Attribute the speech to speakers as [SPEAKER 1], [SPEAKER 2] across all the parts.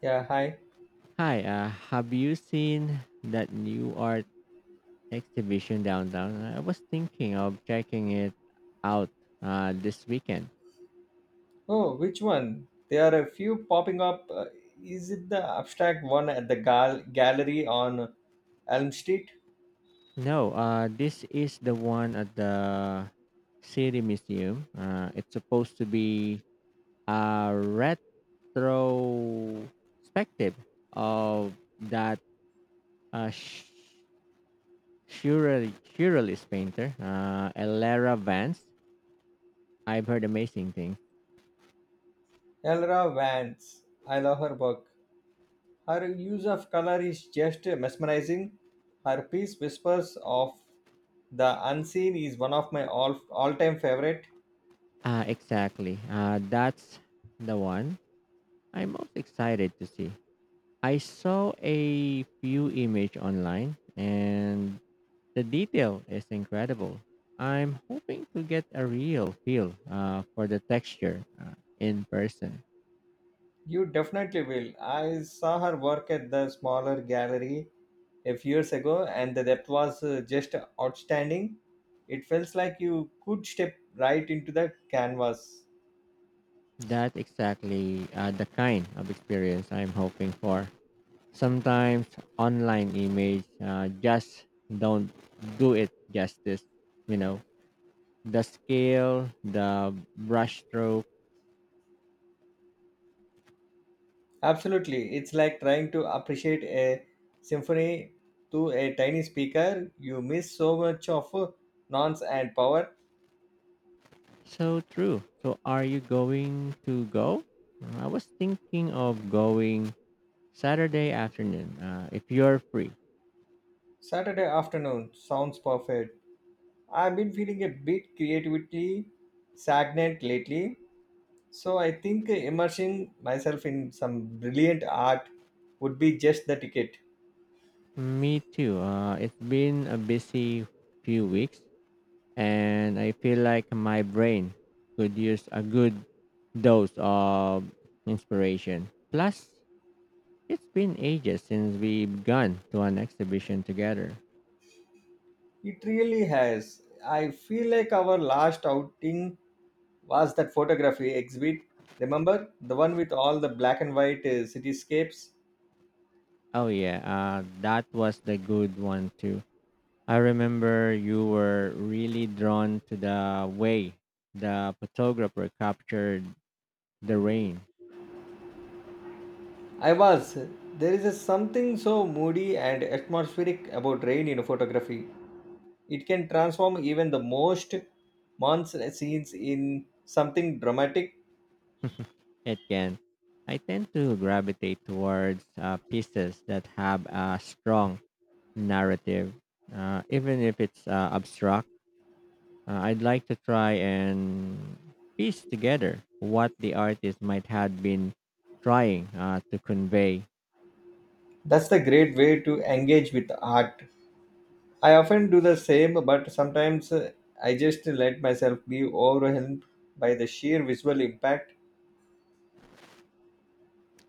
[SPEAKER 1] Yeah, hi.
[SPEAKER 2] Hi, have you seen that new art exhibition downtown? I was thinking of checking it out this weekend.
[SPEAKER 1] Oh, which one? There are a few popping up. Is it the abstract one at the gallery on Elm Street?
[SPEAKER 2] No, this is the one at the City Museum. It's supposed to be a retrospective of that uh, Sh- Surrealist painter, Elera Vance. I've heard amazing things.
[SPEAKER 1] Elra Vance. I love her work. Her use of color is just mesmerizing. Her piece Whispers of the Unseen is one of my all-time favorite.
[SPEAKER 2] Exactly. That's the one I'm most excited to see. I saw a few image online and the detail is incredible. I'm hoping to get a real feel for the texture in person.
[SPEAKER 1] You definitely will. I saw her work at the smaller gallery a few years ago, and the depth was just outstanding. It feels like you could step right into the canvas.
[SPEAKER 2] That exactly the kind of experience I'm hoping for. Sometimes online image just don't do it justice, you know. The scale, the brushstroke.
[SPEAKER 1] Absolutely, it's like trying to appreciate a symphony through a tiny speaker. You miss so much of nonce and power.
[SPEAKER 2] So true. So are you going to go? I was thinking of going Saturday afternoon if you're free.
[SPEAKER 1] Saturday afternoon sounds perfect. I've been feeling a bit creativity stagnant lately, so I think immersing myself in some brilliant art would be just the ticket.
[SPEAKER 2] Me too. It's been a busy few weeks and I feel like my brain could use a good dose of inspiration. Plus, it's been ages since we've gone to an exhibition together.
[SPEAKER 1] It really has. I feel like our last outing was that photography exhibit. Remember the one with all the black and white cityscapes?
[SPEAKER 2] Oh yeah, that was the good one too. I remember you were really drawn to the way the photographer captured the rain.
[SPEAKER 1] I was. There is a something so moody and atmospheric about rain in photography. It can transform even the most months scenes in something dramatic.
[SPEAKER 2] It can. I tend to gravitate towards pieces that have a strong narrative, even if it's abstract. I'd like to try and piece together what the artist might have been trying to convey.
[SPEAKER 1] That's the great way to engage with art. I often do the same, but sometimes I just let myself be overwhelmed by the sheer visual impact.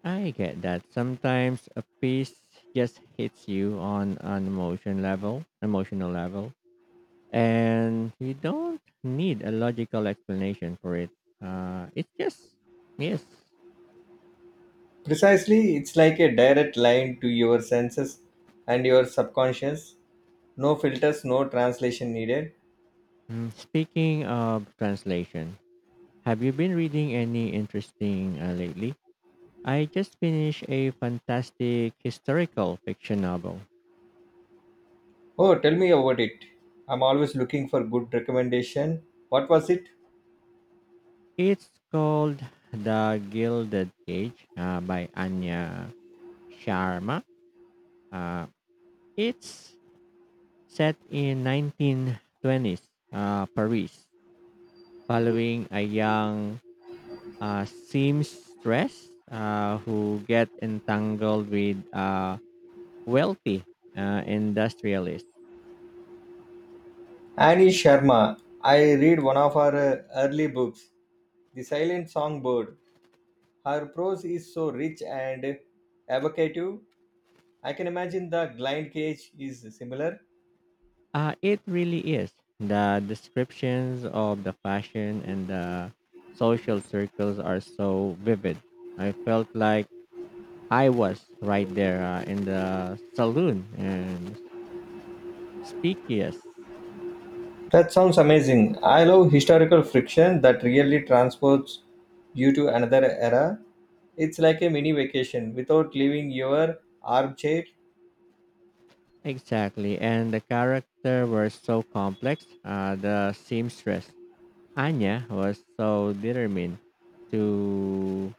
[SPEAKER 2] I get that. Sometimes a piece just hits you on an emotional level, and you don't need a logical explanation for it. It's just yes.
[SPEAKER 1] Precisely, it's like a direct line to your senses and your subconscious. No filters, no translation needed.
[SPEAKER 2] Mm, speaking of translation, have you been reading any interesting lately? I just finished a fantastic historical fiction novel.
[SPEAKER 1] Oh, tell me about it. I'm always looking for good recommendation. What was it?
[SPEAKER 2] It's called The Gilded Cage by Anya Sharma. Uh, It's set in 1920s Paris, following a young seamstress who get entangled with a wealthy industrialist.
[SPEAKER 1] Annie Sharma. I read one of her early books, The Silent Songbird. Her prose is so rich and evocative. I can imagine the glide cage is similar.
[SPEAKER 2] It really is. The descriptions of the fashion and the social circles are so vivid. I felt like I was right there in the saloon and speakiest.
[SPEAKER 1] That sounds amazing. I love historical friction that really transports you to another era. It's like a mini vacation without leaving your armchair.
[SPEAKER 2] Exactly, and the character were so complex. The seamstress Anya was so determined to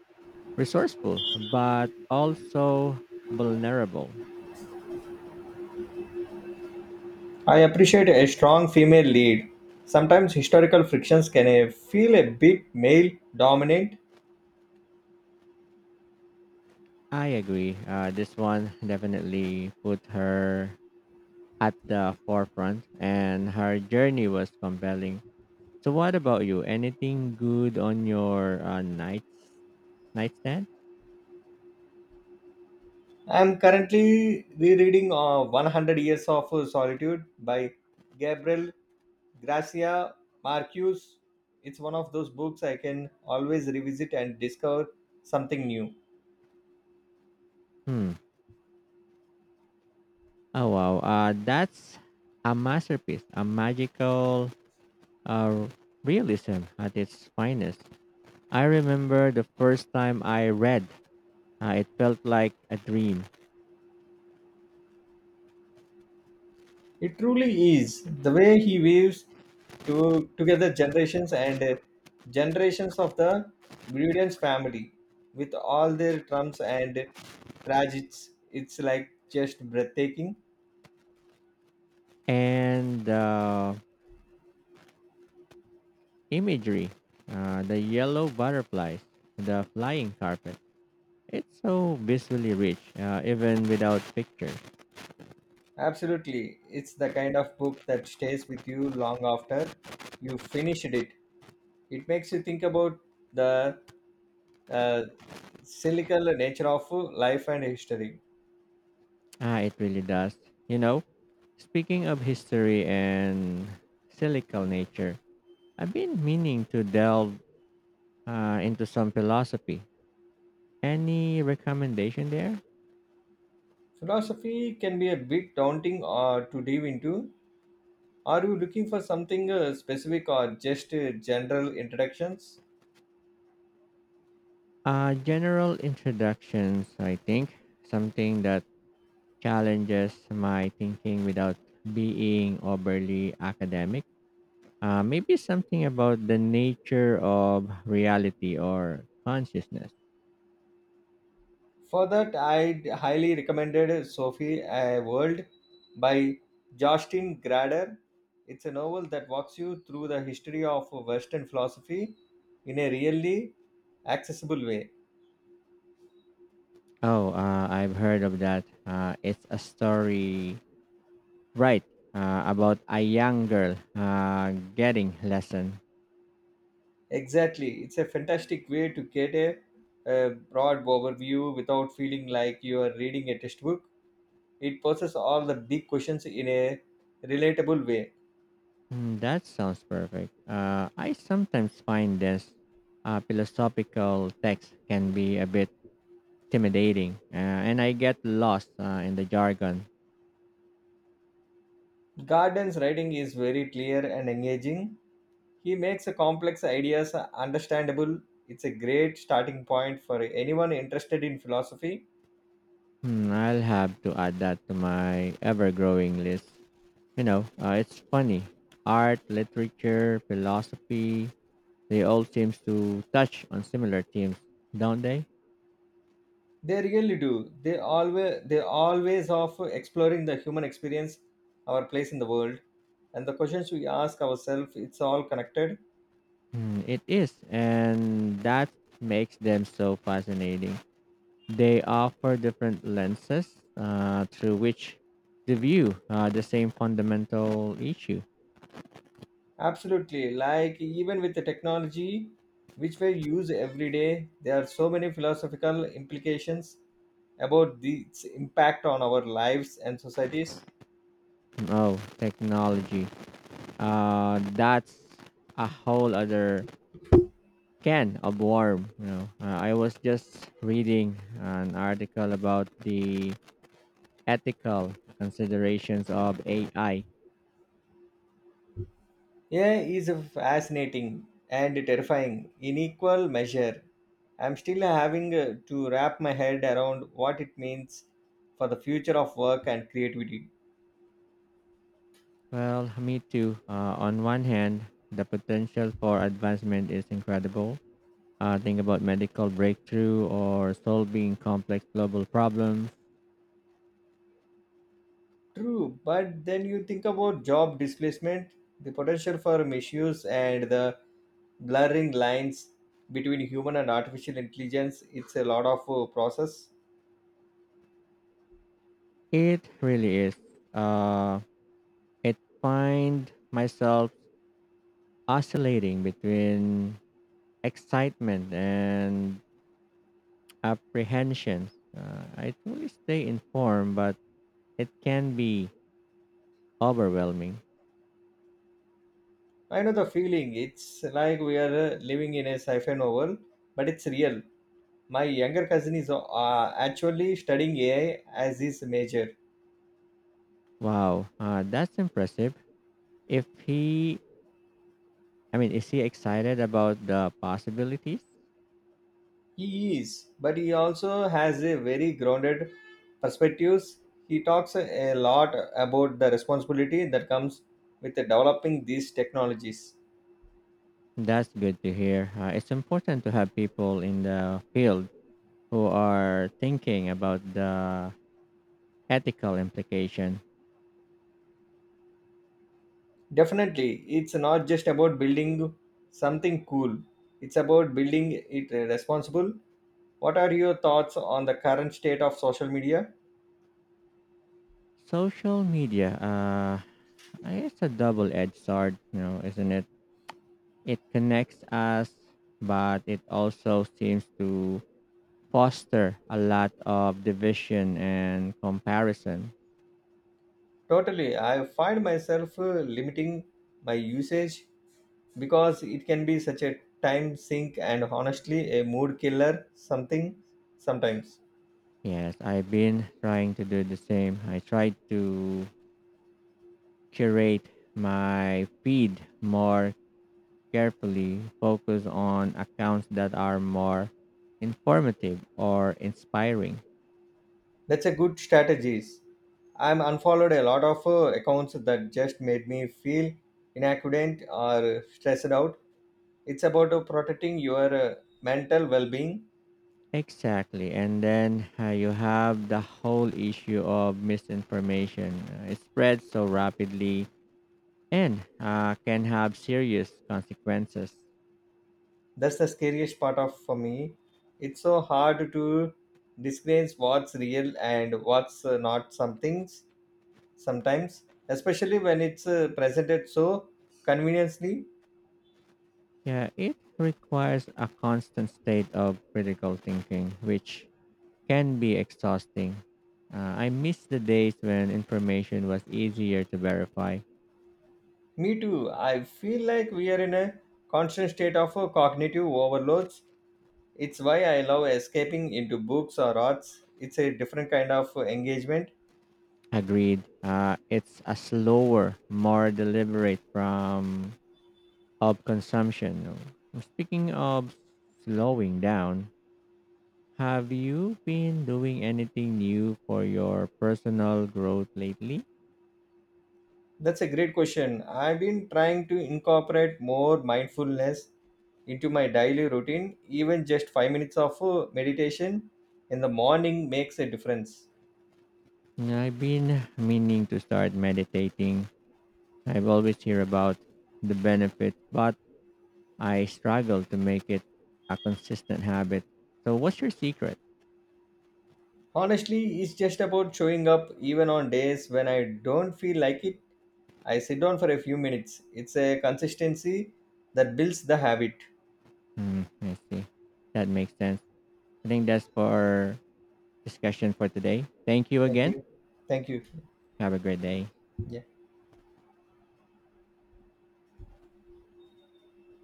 [SPEAKER 2] resourceful, but also vulnerable.
[SPEAKER 1] I appreciate a strong female lead. Sometimes historical frictions can feel a bit male dominant.
[SPEAKER 2] I agree. This one definitely put her at the forefront, and her journey was compelling. So, what about you? Anything good on your nightstand?
[SPEAKER 1] I'm currently rereading 100 Years of Solitude by Gabriel Gracia Marcus. It's one of those books I can always revisit and discover something new.
[SPEAKER 2] Hmm. Oh wow, that's a masterpiece, a magical uh, realism at its finest. I remember the first time I read, it felt like a dream.
[SPEAKER 1] It truly is. The way he weaves together generations and generations of the Brilliance family with all their trumps and tragedies, it's like just breathtaking.
[SPEAKER 2] And imagery, the yellow butterflies, the flying carpet. It's so visually rich, even without pictures.
[SPEAKER 1] Absolutely. It's the kind of book that stays with you long after you finished it. It makes you think about the uh, cyclical nature of life and history.
[SPEAKER 2] Ah, it really does. You know, speaking of history and silical nature, I've been meaning to delve into some philosophy. Any recommendation there?
[SPEAKER 1] Philosophy can be a bit daunting to dive into. Are you looking for something specific or just general introductions?
[SPEAKER 2] General introductions, I think, something that challenges my thinking without being overly academic. Maybe something about the nature of reality or consciousness.
[SPEAKER 1] For that, I highly recommended Sophie a World by Justin Grader. It's a novel that walks you through the history of Western philosophy in a really accessible way.
[SPEAKER 2] Oh, I've heard of that. It's a story, right? About a young girl getting lesson.
[SPEAKER 1] Exactly. It's a fantastic way to get a broad overview without feeling like you are reading a textbook. It poses all the big questions in a relatable way.
[SPEAKER 2] Mm, that sounds perfect. I sometimes find this philosophical text can be a bit intimidating, and I get lost in the jargon.
[SPEAKER 1] Garden's writing is very clear and engaging. He makes the complex ideas understandable. It's a great starting point for anyone interested in philosophy.
[SPEAKER 2] Hmm, I'll have to add that to my ever-growing list. You know, it's funny. Art, literature, philosophy—they all seem to touch on similar themes, don't they?
[SPEAKER 1] They really do. They always of exploring the human experience, our place in the world, and the questions we ask ourselves. It's all connected.
[SPEAKER 2] Hmm, it is, and that makes them so fascinating. They offer different lenses through which to view the same fundamental issue.
[SPEAKER 1] Absolutely. Like even with the technology which we use every day, there are so many philosophical implications about its impact on our lives and societies.
[SPEAKER 2] Oh, technology. That's a whole other can of worm. You know, I was just reading an article about the ethical considerations of AI.
[SPEAKER 1] Yeah, is fascinating and terrifying in equal measure. I'm still having to wrap my head around what it means for the future of work and creativity.
[SPEAKER 2] Well, me too. On one hand, the potential for advancement is incredible, think about medical breakthrough or solving complex global problems.
[SPEAKER 1] True, but then you think about job displacement, the potential for misuse, and the blurring lines between human and artificial intelligence. It's a lot of process.
[SPEAKER 2] It really is. Uh, it find myself oscillating between excitement and apprehension. I truly stay informed, but it can be overwhelming.
[SPEAKER 1] I know the feeling. It's like we are living in a sci-fi novel, but it's real. My younger cousin is actually studying AI as his major.
[SPEAKER 2] Wow, that's impressive. If he, I mean, is he excited about the possibilities?
[SPEAKER 1] He is, but he also has a very grounded perspectives. He talks a lot about the responsibility that comes with developing these technologies.
[SPEAKER 2] That's good to hear. It's important to have people in the field who are thinking about the ethical implication.
[SPEAKER 1] Definitely, it's not just about building something cool, it's about building it responsible. What are your thoughts on the current state of social media?
[SPEAKER 2] Social media, it's a double-edged sword, you know, isn't it? It connects us, but it also seems to foster a lot of division and comparison.
[SPEAKER 1] Totally, I find myself limiting my usage because it can be such a time sink and honestly a mood killer something sometimes.
[SPEAKER 2] Yes, I've been trying to do the same. I tried to curate my feed more carefully focus on accounts that are more informative or inspiring.
[SPEAKER 1] That's a good strategies. I'm unfollowed a lot of accounts that just made me feel inaccurate or stressed out. It's about protecting your mental well-being.
[SPEAKER 2] Exactly. And then you have the whole issue of misinformation. It spreads so rapidly and can have serious consequences.
[SPEAKER 1] That's the scariest part of for me. It's so hard to discern what's real and what's not something sometimes, especially when it's presented so conveniently.
[SPEAKER 2] Yeah, it requires a constant state of critical thinking, which can be exhausting. Uh, I miss the days when information was easier to verify.
[SPEAKER 1] Me too. I feel like we are in a constant state of cognitive overloads. It's why I love escaping into books or arts. It's a different kind of engagement.
[SPEAKER 2] Agreed. It's a slower, more deliberate from of consumption. No? Speaking of slowing down, have you been doing anything new for your personal growth lately?
[SPEAKER 1] That's a great question. I've been trying to incorporate more mindfulness into my daily routine. Even just 5 minutes of meditation in the morning makes a difference.
[SPEAKER 2] I've been meaning to start meditating. I've always hear about the benefits, but I struggle to make it a consistent habit. So, what's your secret?
[SPEAKER 1] Honestly, it's just about showing up even on days when I don't feel like it. I sit down for a few minutes. It's a consistency that builds the habit.
[SPEAKER 2] Mm, I see. That makes sense. I think that's for discussion for today. Thank you
[SPEAKER 1] Thank
[SPEAKER 2] again.
[SPEAKER 1] you. Thank you.
[SPEAKER 2] Have a great day.
[SPEAKER 1] Yeah.